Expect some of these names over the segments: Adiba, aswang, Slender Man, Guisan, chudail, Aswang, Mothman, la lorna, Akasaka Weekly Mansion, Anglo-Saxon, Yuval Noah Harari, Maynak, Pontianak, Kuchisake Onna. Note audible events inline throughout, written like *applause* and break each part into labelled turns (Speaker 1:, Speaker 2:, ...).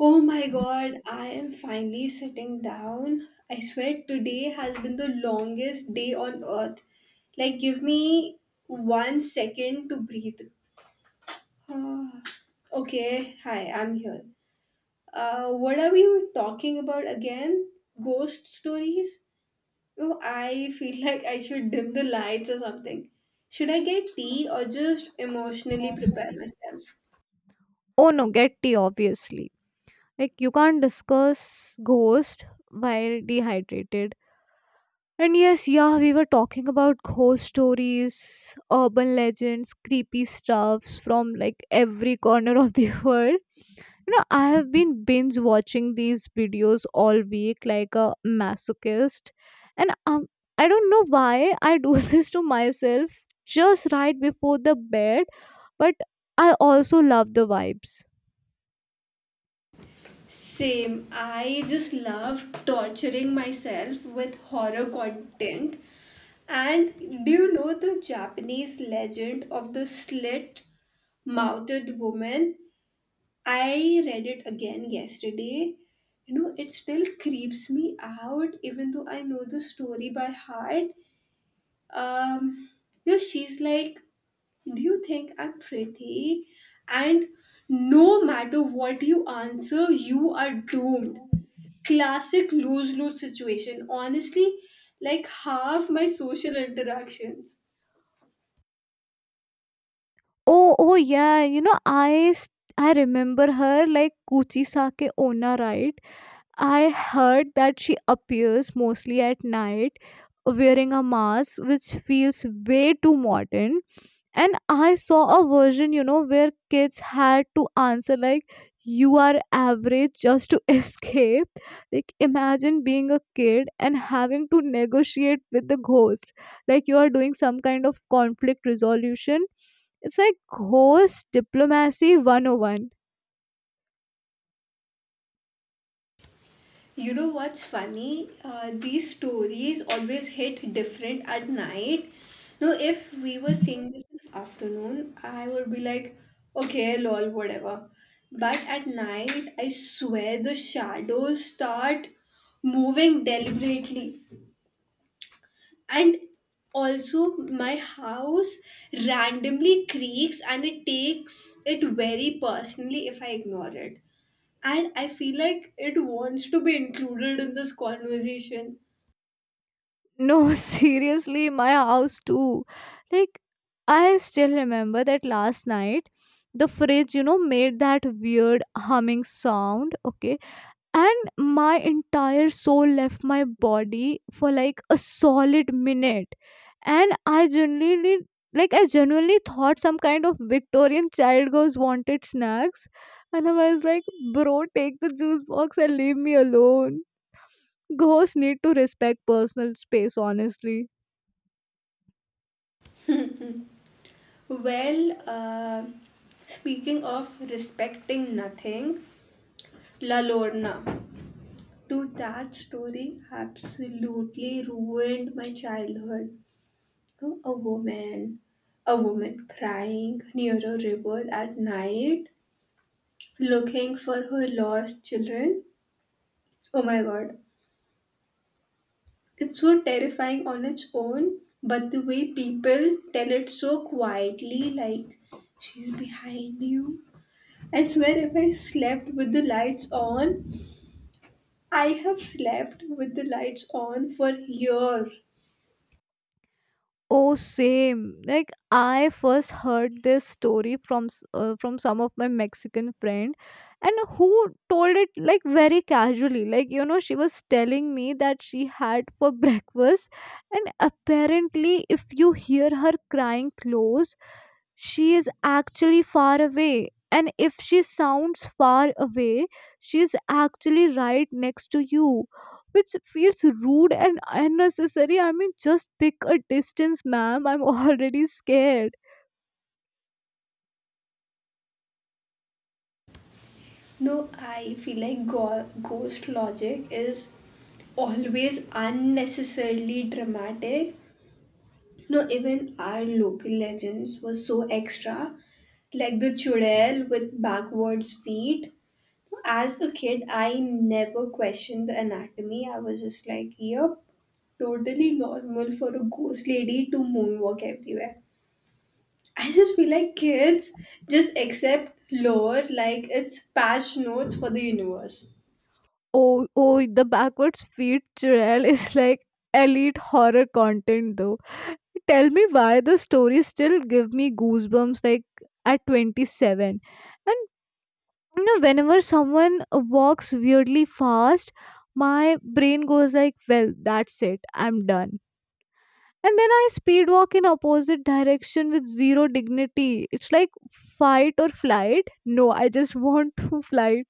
Speaker 1: Oh my god, I am finally sitting down. I swear today has been the longest day on earth. Like, give me one second to breathe. Okay, hi, I'm here. What are we talking about again? Ghost stories? Oh, I feel *laughs* like I should dim the lights or something. Should I get tea or just emotionally prepare myself?
Speaker 2: Oh no, get tea, obviously. Like, you can't discuss ghost while dehydrated. And yeah, we were talking about ghost stories, urban legends, creepy stuffs from like every corner of the *laughs* world. You know, I have been binge watching these videos all week like a masochist. And I don't know why I do *laughs* this to myself just right before the bed, but I also love the vibes.
Speaker 1: Same. I just love torturing myself with horror content. And do you know the Japanese legend of the slit mouthed woman? I read it again yesterday. You know, it still creeps me out, even though I know the story by heart. Um, you know, she's like, do you think I'm pretty? And no matter what you answer, you are doomed, classic lose lose situation. Honestly, like half my social interactions.
Speaker 2: Oh yeah. You know, I remember her like Kuchisake Onna, right? I heard that she appears mostly at night wearing a mask which feels way too modern. And I saw a version, you know, where kids had to answer like, you are average just to *laughs* escape. Like, imagine being a kid and having to negotiate with the ghost. Like, you are doing some kind of conflict resolution. It's like ghost diplomacy 101.
Speaker 1: You know what's funny? These stories always hit different at night. Now, if we were seeing this in the afternoon, I would be like, okay, lol, whatever. But at night, I swear the shadows start moving deliberately, and also my house randomly creaks and it takes it very personally if I ignore it, and I feel like it wants to be included in this conversation.
Speaker 2: No, *laughs* seriously, my house too. Like, I still remember that last night the fridge, you know, made that weird humming sound, okay? And my entire soul left my body for like a solid minute. And I genuinely thought some kind of Victorian child goes wanted snacks. And I was like, bro, take the juice box and leave me alone. Ghosts need to respect personal space, honestly.
Speaker 1: Well, speaking of respecting nothing, la lorna, dude, that story absolutely ruined my childhood. You know, a woman crying near a river at night looking for her lost children. Oh my god. It's so terrifying on its own, but the way people tell it so quietly, like, she's behind you. I swear, if I slept with the lights on, I have slept with the lights on for years.
Speaker 2: Oh, same. Like I first heard this story from from some of my Mexican friend, and who told it like very casually. Like you know, she was telling me that she had for *laughs* breakfast, and apparently, if you hear her crying close, she is actually far away, and if she sounds far away she's actually right next to you, which feels rude and unnecessary. I mean, just pick a distance, ma'am, I'm *laughs* already scared.
Speaker 1: No, I feel like ghost logic is always unnecessarily dramatic. No, even our local legends were so extra, like the chudail with backwards feet. As a kid, I never questioned the anatomy. I was just like, yep, totally normal for a ghost lady to moonwalk everywhere. I just feel like kids just accept lore like it's patch notes for the universe.
Speaker 2: Oh, oh, the backwards feet trail is like elite horror content, though. Tell me why the stories still give me goosebumps like at 27. And you know, whenever someone walks weirdly fast, my brain goes like, well, that's it, I'm done. And then I speed walk in opposite direction with zero dignity. It's like fight or flight. No, I just *laughs* want to flight.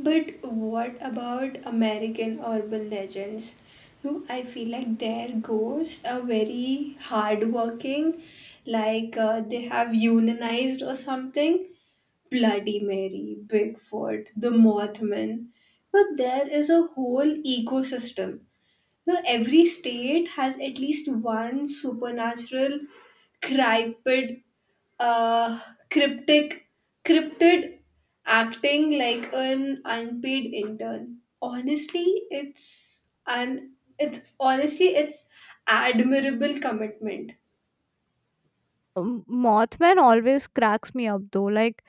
Speaker 1: But what about American urban legends? No, I feel like their ghosts are very hardworking, like they have unionized or something. Bloody Mary, Bigfoot, the Mothman. But there is a whole ecosystem. No, every state has at least one supernatural, cryptid, uh, cryptic, cryptid acting like an unpaid intern. Honestly, it's an it's honestly it's admirable commitment.
Speaker 2: Um, Mothman always cracks me up, though. like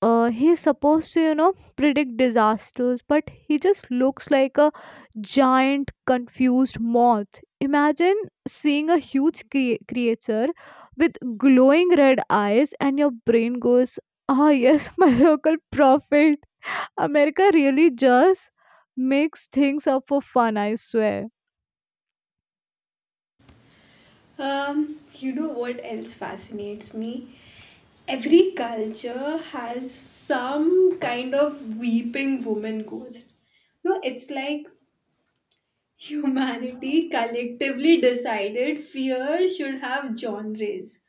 Speaker 2: uh, he's supposed to, you know, predict disasters, but he just looks like a giant confused moth. Imagine seeing a huge creature with glowing red eyes, and your brain goes, ah yes, *laughs* my local prophet. America really just makes things up for fun, I swear.
Speaker 1: You know what else fascinates me? Every culture has some kind of weeping woman ghost. No, it's like humanity collectively decided fear should have genres.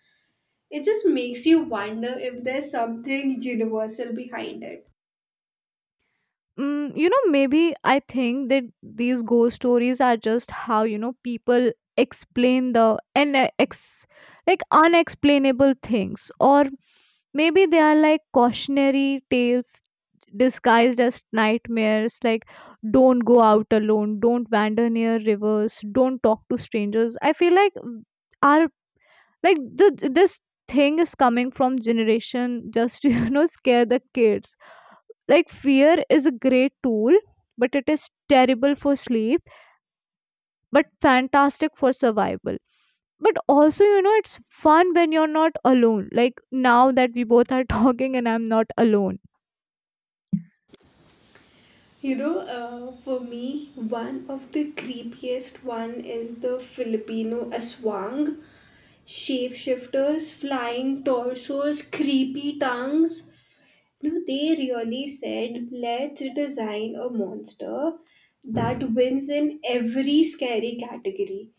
Speaker 1: It just makes you wonder if there's something universal behind it.
Speaker 2: Mm, you know, maybe I think that these ghost stories are just how, you know, people explain the and ex like unexplainable things, or maybe they are like cautionary tales disguised as nightmares, like, don't go out alone, don't wander near rivers, don't talk to strangers. I feel like our like this thing is coming from generation just to *laughs* you know scare the kids. Like, fear is a great tool, but it is terrible for sleep, but fantastic for survival. But also, you know, it's fun when you're not alone. Like now that we both are *laughs* talking and I'm not alone.
Speaker 1: You know, for me, one of the creepiest one is the Filipino aswang, shapeshifters, flying torsos, creepy tongues. You know, they really said, let's design a monster that wins in every scary category.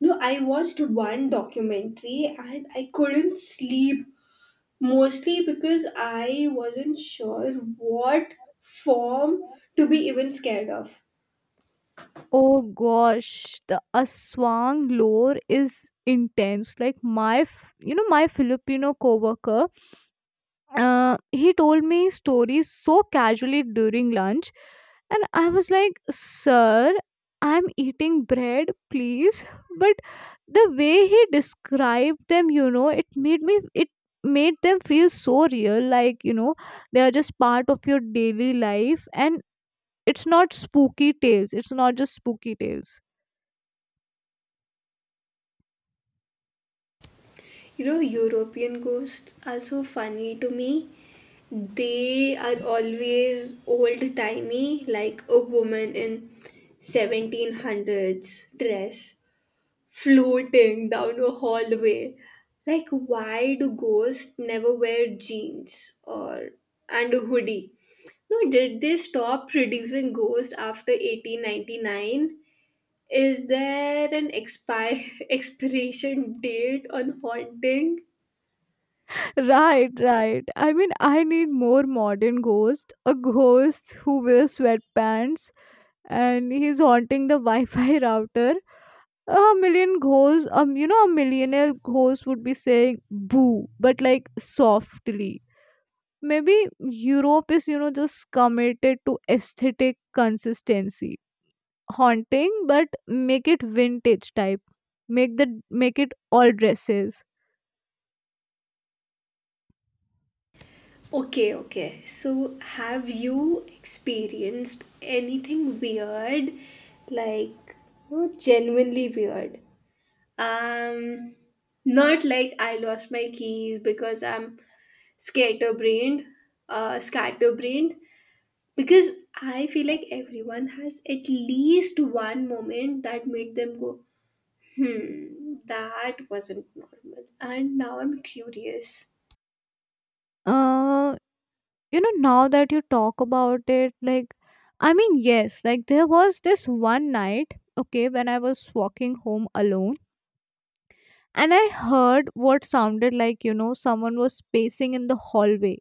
Speaker 1: No, I watched one documentary and I couldn't sleep mostly because I wasn't sure what form to be even scared of.
Speaker 2: Oh gosh, the Aswang lore is intense. Like my, you know, my Filipino coworker, he told me stories so casually during lunch. And I was like, sir, I'm eating bread, please. But the way he described them, you know, it made them feel so real, like, you know, they are just part of your daily life, and it's not just spooky tales.
Speaker 1: You know, European ghosts are so funny to me. They are always old timey, like a woman in 1700s dress floating down a hallway. Like, why do ghosts never wear jeans or and a hoodie? No, did they stop producing ghosts after 1899? Is there an expire *laughs* expiration date on haunting?
Speaker 2: *laughs* Right, right. I mean, I need more modern ghosts, a ghost who wears sweatpants and he's haunting the *laughs* Wi-Fi router. A million ghosts, you know, a millionaire ghost would be saying "boo," but like softly. Maybe Europe is, you know, just committed to aesthetic consistency, haunting, but make it vintage type. Make it all dresses.
Speaker 1: Okay, okay. So, have you experienced anything weird, like, you know, genuinely weird? Um, Not like I lost my keys because I'm scatterbrained, scatterbrained. Because I feel like everyone has at least one moment that made them go, hmm, that wasn't normal. And now I'm curious.
Speaker 2: Uh, you know, now that you talk about it, like, I mean, yes, like there was this one night, okay, when I was walking home alone and I heard what sounded like, you know, someone was pacing in the hallway,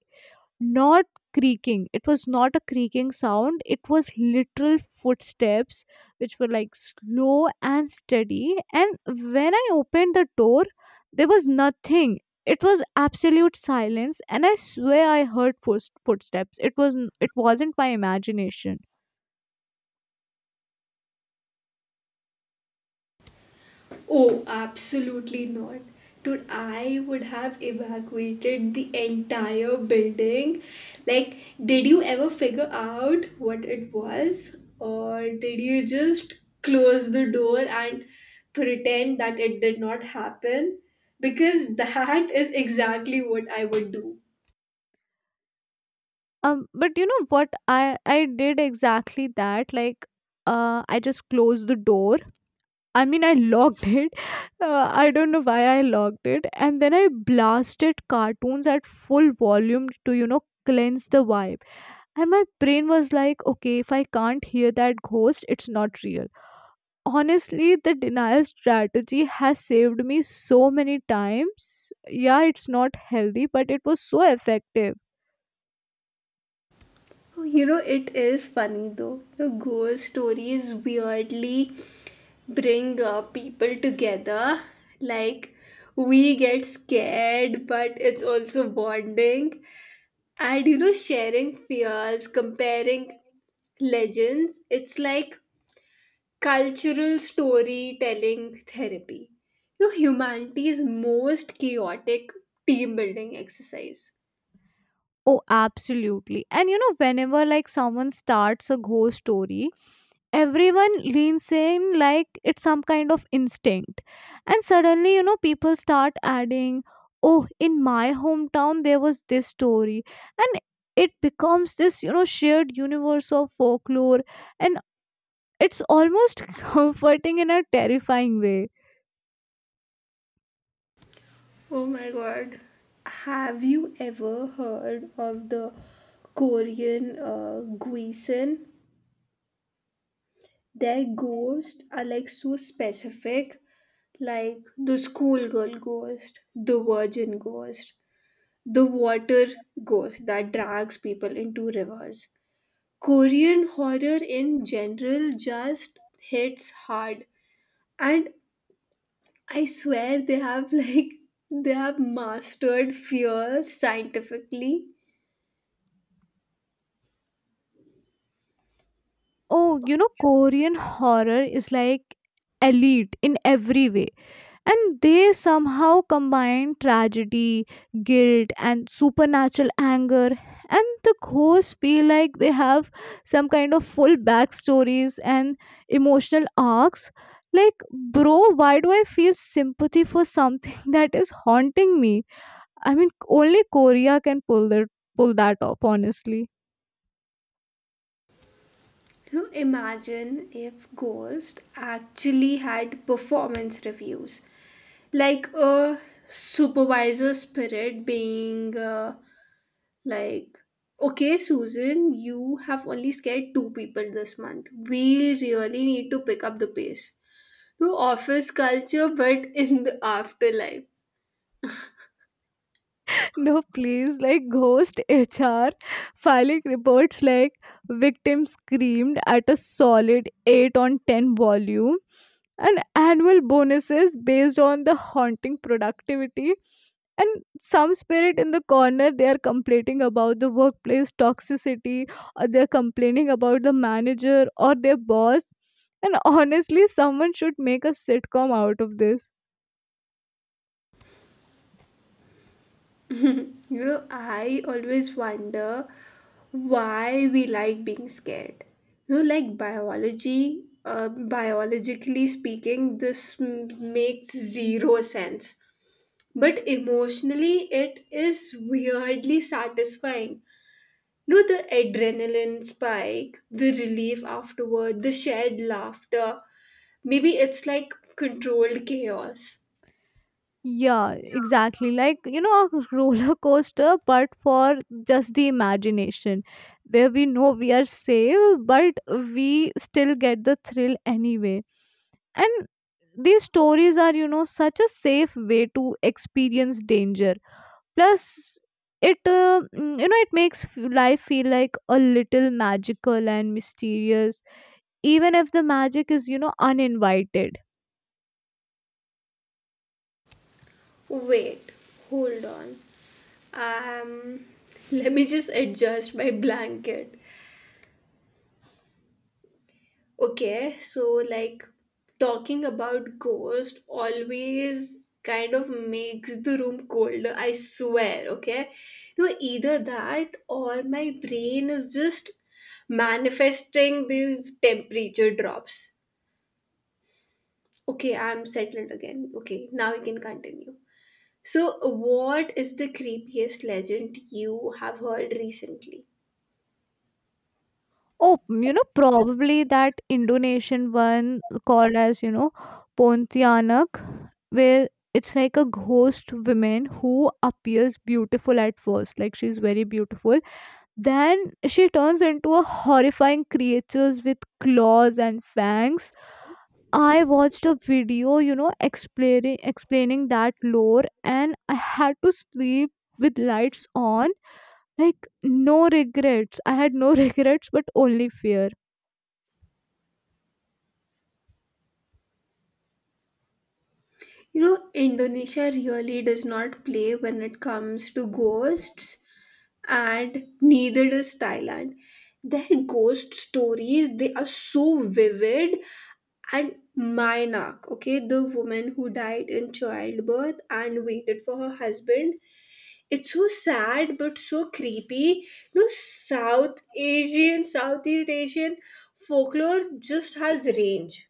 Speaker 2: not creaking. It was not a creaking sound, it was literal footsteps, which were like slow and steady. And when I opened the door, there was nothing. It was absolute silence, and I swear I heard footsteps. It was it wasn't my imagination.
Speaker 1: Oh, absolutely not. Dude, I would have evacuated the entire building. Like, did you ever figure out what it was? Or did you just close the door and pretend that it did not happen? Because that is exactly what I would do.
Speaker 2: But you know what? I did exactly that. Like, I just closed the door, I mean, I locked it. *laughs* I don't know why I locked it. And then I blasted cartoons at full volume to, you know, cleanse the vibe. And my brain was like, okay, if I can't hear that ghost, it's not real. Honestly, the denial strategy has saved me so many times. Yeah, it's not healthy, but it was so effective.
Speaker 1: Well, you know, it is funny though. The ghost stories weirdly bring people together. Like, we get scared, but it's also bonding. And you know, sharing fears, comparing legends, it's like cultural storytelling therapy. You know, humanity's most chaotic team building exercise.
Speaker 2: Oh, absolutely. And you know, whenever like someone starts a ghost story, everyone leans in like it's some kind of instinct. And suddenly, you know, people start adding, oh, in my hometown, there was this story. And it becomes this, you know, shared universe of folklore. And it's almost *laughs* comforting in a terrifying way.
Speaker 1: Oh my god. Have you ever heard of the Korean Guisan? Their ghosts are like so specific, like the schoolgirl ghost, the virgin ghost, the water ghost that drags people into rivers. Korean horror in general just hits hard, and I swear they have like *laughs* they have mastered fear scientifically.
Speaker 2: Oh, you know, Korean horror is like elite in every way, and they somehow combine tragedy, guilt and supernatural anger, and the ghosts feel like they have some kind of full backstories and emotional arcs. Like, bro, why do I feel sympathy for something *laughs* that is haunting me? I mean, only Korea can pull that off, honestly.
Speaker 1: Can you imagine if Ghost actually had performance reviews? Like a supervisor spirit being, like, okay, Susan, you have only scared 2 people this month. We really need to pick up the pace. No office culture, but in the afterlife.
Speaker 2: No, please, like ghost HR filing reports like, victim screamed at a solid 8 on 10 volume, and annual bonuses based on the haunting productivity, and some spirit in the corner they are complaining about the workplace toxicity, or they're complaining about the manager or their boss. And honestly, someone should make a sitcom out of this.
Speaker 1: *laughs* You know, I always wonder why we like being scared. You know, like biologically speaking, this makes 0 sense. But emotionally, it is weirdly satisfying. You know, the adrenaline spike, the relief afterward, the shared laughter. Maybe it's like controlled chaos.
Speaker 2: Yeah, exactly. Like, you know, a roller coaster, but for just the imagination, where we know we are safe, but we still get the thrill anyway. And these stories are, you know, such a safe way to experience danger. Plus, you know, it makes life feel like a little magical and mysterious, even if the magic is, you know, uninvited.
Speaker 1: Wait, hold on. Um, Let me just adjust my blanket. Okay, so like, talking about ghost always kind of makes the room colder, I swear, okay? No, either that or my brain is just manifesting these temperature drops. Okay, I'm settled again. Okay, now we can continue. So, what is the creepiest legend you have heard recently?
Speaker 2: Oh, you know, probably that Indonesian one called as, you know, Pontianak, where it's like a ghost woman who appears beautiful at first, like she's very beautiful. Then she turns into a horrifying creatures with claws and fangs. I watched a video, you know, explaining that lore, and I had to sleep with lights on. Like, no regrets. I had no *laughs* regrets but only fear.
Speaker 1: You know, Indonesia really does not play when it comes to ghosts, and neither does Thailand. Their ghost stories, they are so vivid, and Maynak, okay, the woman who died in childbirth and waited for her husband, it's so sad but so creepy. No, south asian, southeast asian folklore just has range.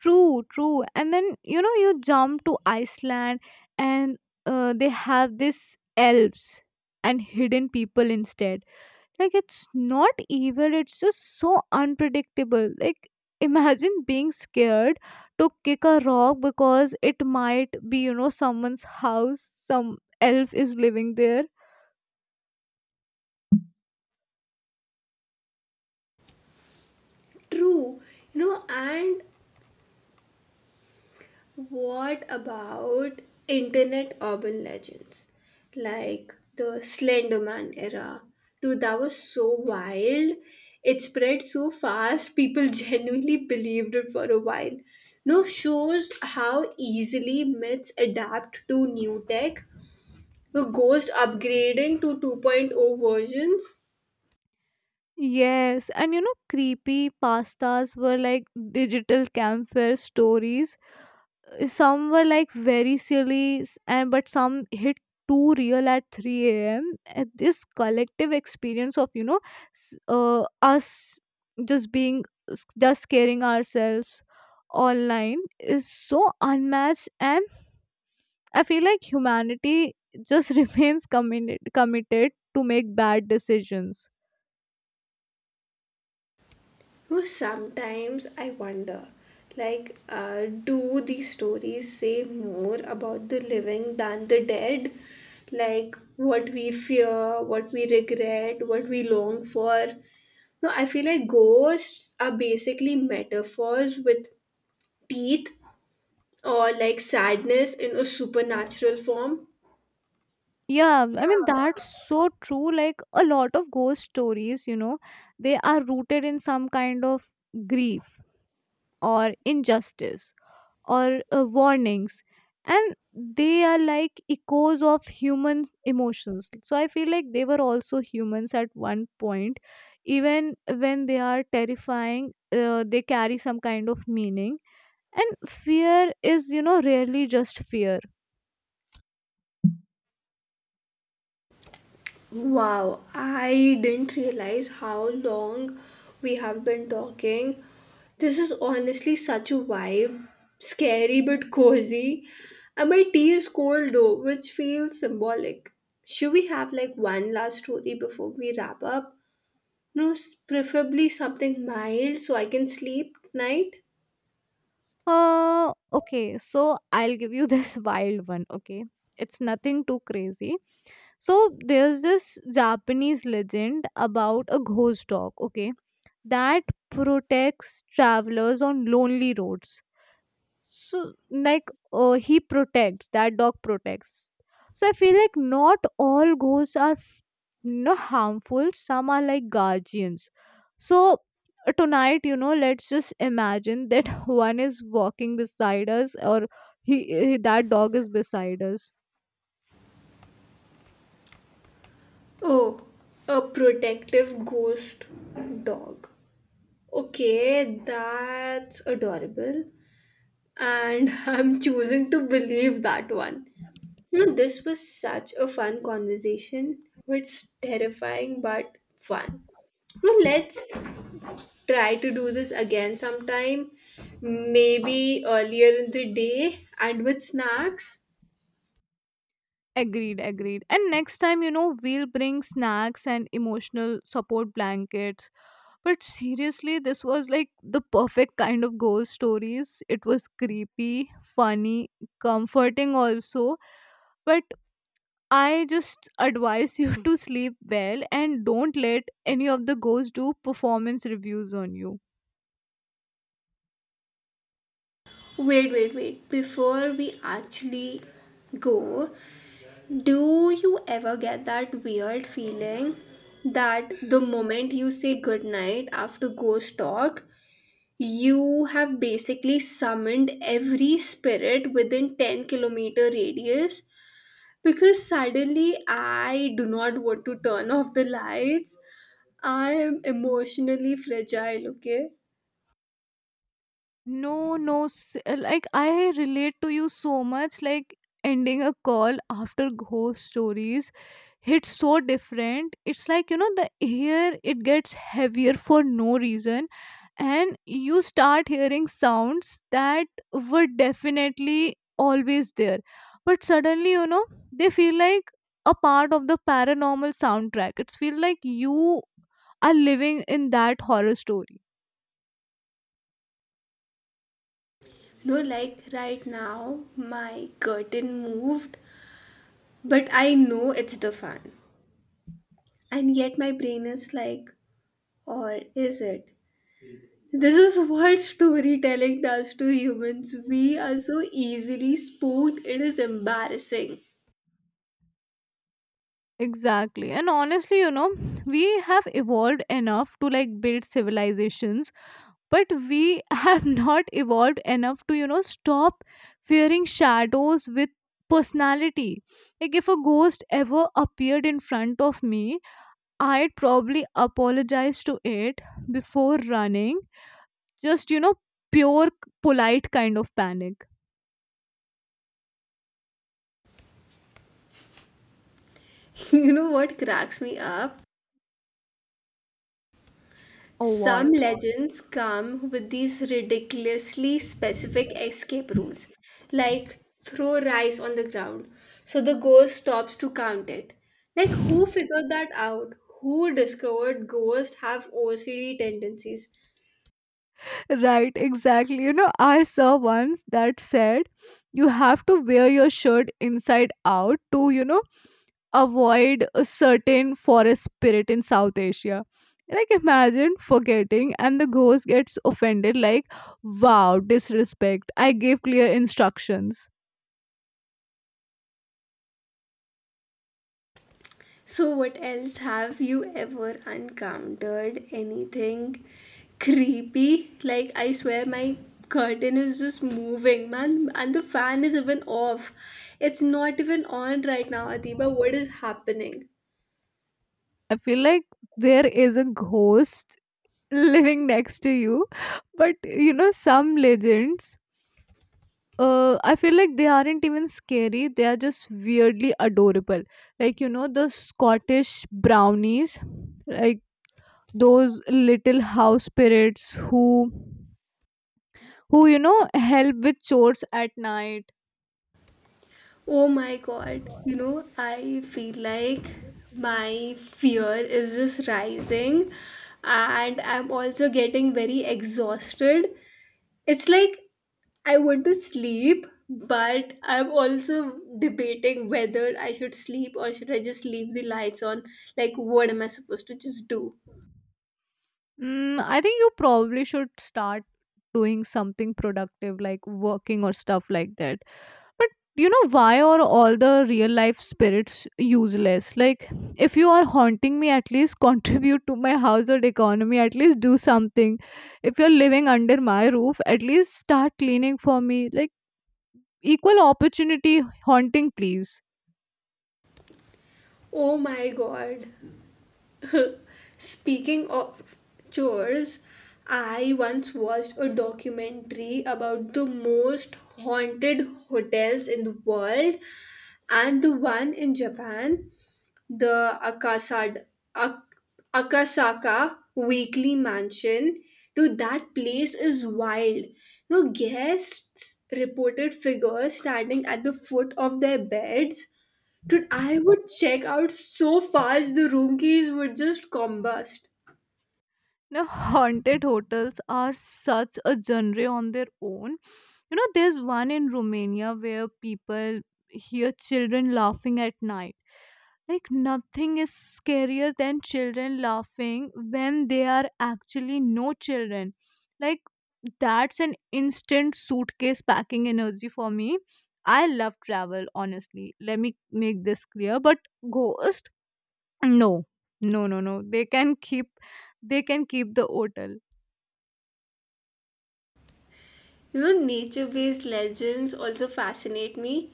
Speaker 2: True, true. And then, you know, you jump to Iceland, and they have this elves and hidden people instead. Like, it's not evil, it's just so unpredictable. Like, imagine being scared to kick a rock because it might be, you know, someone's house, some elf is living there.
Speaker 1: True. You know, and what about internet urban legends like the slender man era? Dude, that was so wild. It spread so fast people *laughs* genuinely believed it for a while. No, shows how easily myths adapt to new tech. The Ghost upgrading to 2.0 versions?
Speaker 2: Yes, and you know, creepy pastas were like digital campfire stories. Some were like very silly s- and but some hit too real at 3 a.m., and this collective experience of, you know, us just being just scaring ourselves online is so unmatched. And I feel like humanity just *laughs* remains committed to make bad decisions.
Speaker 1: You know, sometimes I wonder, like, do these stories say more about the living than the dead? Like, what we fear, what we regret, what we long for. No, I feel like ghosts are basically metaphors with teeth, or like sadness in a supernatural form.
Speaker 2: Yeah, I mean, that's so true. Like, a lot of ghost stories, you know, they are rooted in some kind of grief or injustice or warnings. And they are like echoes of human emotions. So I feel like they were also humans at one point. Even when they are terrifying, they carry some kind of meaning. And fear is, you know, rarely just fear.
Speaker 1: Wow, I didn't realize how long we have been talking. This is honestly such a vibe. Scary but cozy. And my tea is cold though, which feels symbolic. Should we have like one last story before we wrap up? No, preferably something mild so I can sleep tonight.
Speaker 2: Okay, so I'll give you this *laughs* wild one, okay? It's nothing too crazy. So there's this Japanese legend about a ghost dog, okay, that protects travelers on lonely roads. So like, he protects that dog protects. So I feel like not all ghosts are you know harmful, some are like guardians. So tonight, you know, let's just imagine that *laughs* one is walking beside us, or he that dog is beside us.
Speaker 1: Oh, a protective ghost dog. Okay, that's adorable, and *laughs* I'm choosing to believe that one. You know, this was such a fun conversation. It's terrifying but fun. Well, let's try to do this again sometime, maybe earlier in the day and with snacks.
Speaker 2: Agreed, agreed. And next time, you know, we'll bring snacks and emotional support blankets. But seriously, this was like the perfect kind of ghost stories. It was creepy, funny, comforting also. But I just advise you *laughs* to sleep well and don't let any of the ghosts do performance reviews on you.
Speaker 1: Wait, wait, wait. Before we actually go, do you ever get that weird feeling that the moment you say goodnight after ghost talk, you have basically summoned every spirit within 10-kilometer radius, because suddenly I do not want to turn off the lights. I am emotionally fragile, okay?
Speaker 2: No, no. s- Like, I relate to you so much. Like, ending a call after ghost stories hits so different. It's like, you know, the air, it gets heavier for no reason. And you start hearing sounds that were definitely always there. But suddenly, you know, they feel like a part of the paranormal soundtrack. It's feel like you are living in that horror story.
Speaker 1: No, like right now, my curtain moved, but I know it's the fan. And yet my brain is like, or is it? This is what storytelling does to humans. We are so easily spooked, it is embarrassing.
Speaker 2: Exactly. And honestly, you know, we have evolved enough to like build civilizations, but we *laughs* have not evolved enough to, you know, stop fearing shadows with personality. Like, if a ghost ever appeared in front of me, I'd probably apologize to it before running. Just, you know, pure polite kind of panic.
Speaker 1: *laughs* You know what cracks me up?
Speaker 2: Or what?
Speaker 1: Some legends come with these ridiculously specific escape rules, like throw rice on the ground so the ghost stops to count it. Like, who figured that out? Who discovered ghosts have OCD tendencies?
Speaker 2: Right, exactly. You know, I saw once that said you have to wear your shirt inside out to, you know, avoid a certain forest spirit in South Asia. Like, imagine forgetting, and the ghost gets offended, like, wow, disrespect. I gave clear instructions.
Speaker 1: So, what else? Have you ever encountered anything creepy? Like, I swear my curtain is just moving, man, and the fan is even off. It's not even on right now, Adiba. What is happening?
Speaker 2: I feel like there is a ghost living next to you, but you know, some legends, I feel like they aren't even scary. They are just weirdly adorable. Like, you know, the Scottish brownies, like those little house spirits who, you know, help with chores at night.
Speaker 1: Oh my god. You know, I feel like my fear is just rising, and I'm also getting very exhausted. It's like I want to sleep, but I'm also debating whether I should sleep or should I just leave the lights on. Like, what am I supposed to just do?
Speaker 2: Mm, I think you probably should start doing something productive, like working or stuff like that. But you know, why are all the real life spirits useless? Like, if you are haunting me, at least *laughs* contribute to my household economy, at least do something. If you're living under my roof, at least start cleaning for me. Like, equal opportunity haunting, please.
Speaker 1: Oh my god. *laughs* Speaking of chores, I once watched a documentary about the most haunted hotels in the world, and the one in Japan, the Ak- Akasaka Weekly Mansion, to that place is wild. No, guests reported figures standing at the foot of their beds. Dude, I would check out so fast the room keys would just combust.
Speaker 2: Now, haunted hotels are such a genre on their own. You know, there's one in Romania where people hear children laughing at night. Like, nothing is scarier than children laughing when they are actually no children. Like, that's an instant suitcase packing energy for me. I love travel, honestly. Let me make this clear. But ghost, no, no, no, no. They can keep the hotel.
Speaker 1: You know, nature based legends also fascinate me,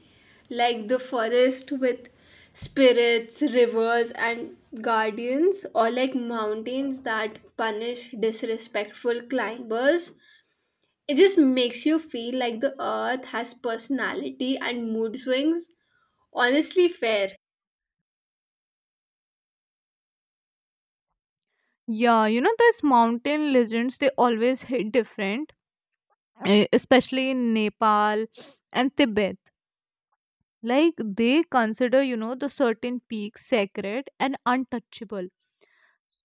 Speaker 1: like the forest with spirits, rivers, and guardians, or like mountains that punish disrespectful climbers. It just makes you feel like the earth has personality and mood swings. Honestly, fair.
Speaker 2: Yeah, you know those mountain legends. They always hit different, eh, especially in Nepal and Tibet. Like, they consider, you know, the certain peaks sacred and untouchable.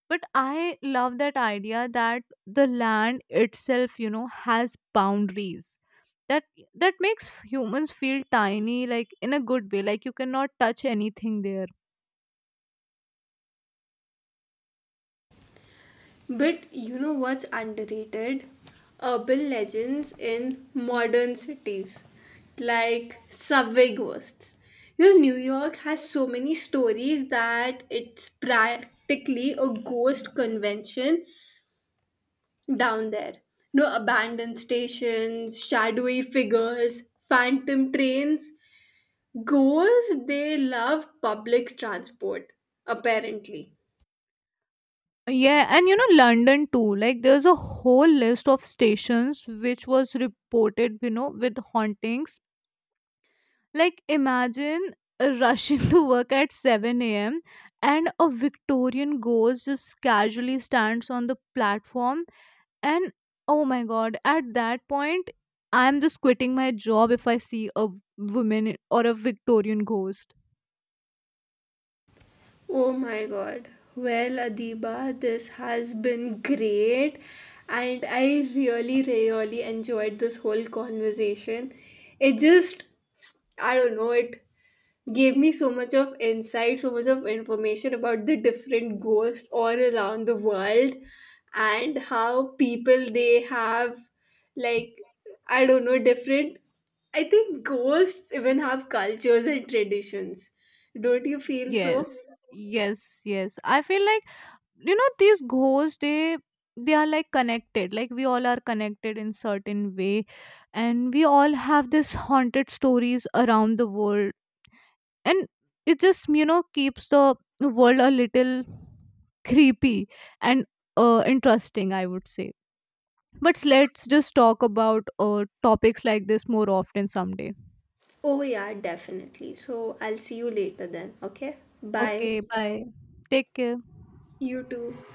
Speaker 2: But I love that idea that the land itself, you know, has boundaries. That that makes humans feel tiny, like in a good way. Like, you cannot touch anything there.
Speaker 1: But you know what's underrated? Urban legends in modern cities, like subway ghosts. You know, New York has so many stories that it's practically a ghost convention down there. You know, abandoned stations, shadowy figures, phantom trains. Ghosts, they love public transport, apparently.
Speaker 2: Yeah, and you know, London too. Like, there's a whole list of stations which was reported, you know, with hauntings. Like, imagine rushing *laughs* to work at 7 a.m. and a Victorian ghost just casually stands on the platform. And oh my god, at that point, I'm just quitting my job if I see a woman or a Victorian ghost.
Speaker 1: Oh my god. Well, Adiba, this has been great, and I really, really enjoyed this whole conversation. It just, I don't know, it gave me so much of insight, so much of information about the different ghosts all around the world and how people they have, like, I don't know, different. I think ghosts even have cultures and traditions. Don't you feel
Speaker 2: Yes,
Speaker 1: so?
Speaker 2: yes, yes. I feel like, you know, these ghosts, they are like connected, like we all are connected in certain way. And we all have this haunted stories around the world. And it just, you know, keeps the world a little creepy and interesting, I would say. But let's just talk about topics like this more often someday.
Speaker 1: Oh, yeah, definitely. So I'll see you later then. Okay.
Speaker 2: Okay,
Speaker 1: Bye.
Speaker 2: bye. Take care.
Speaker 1: You too.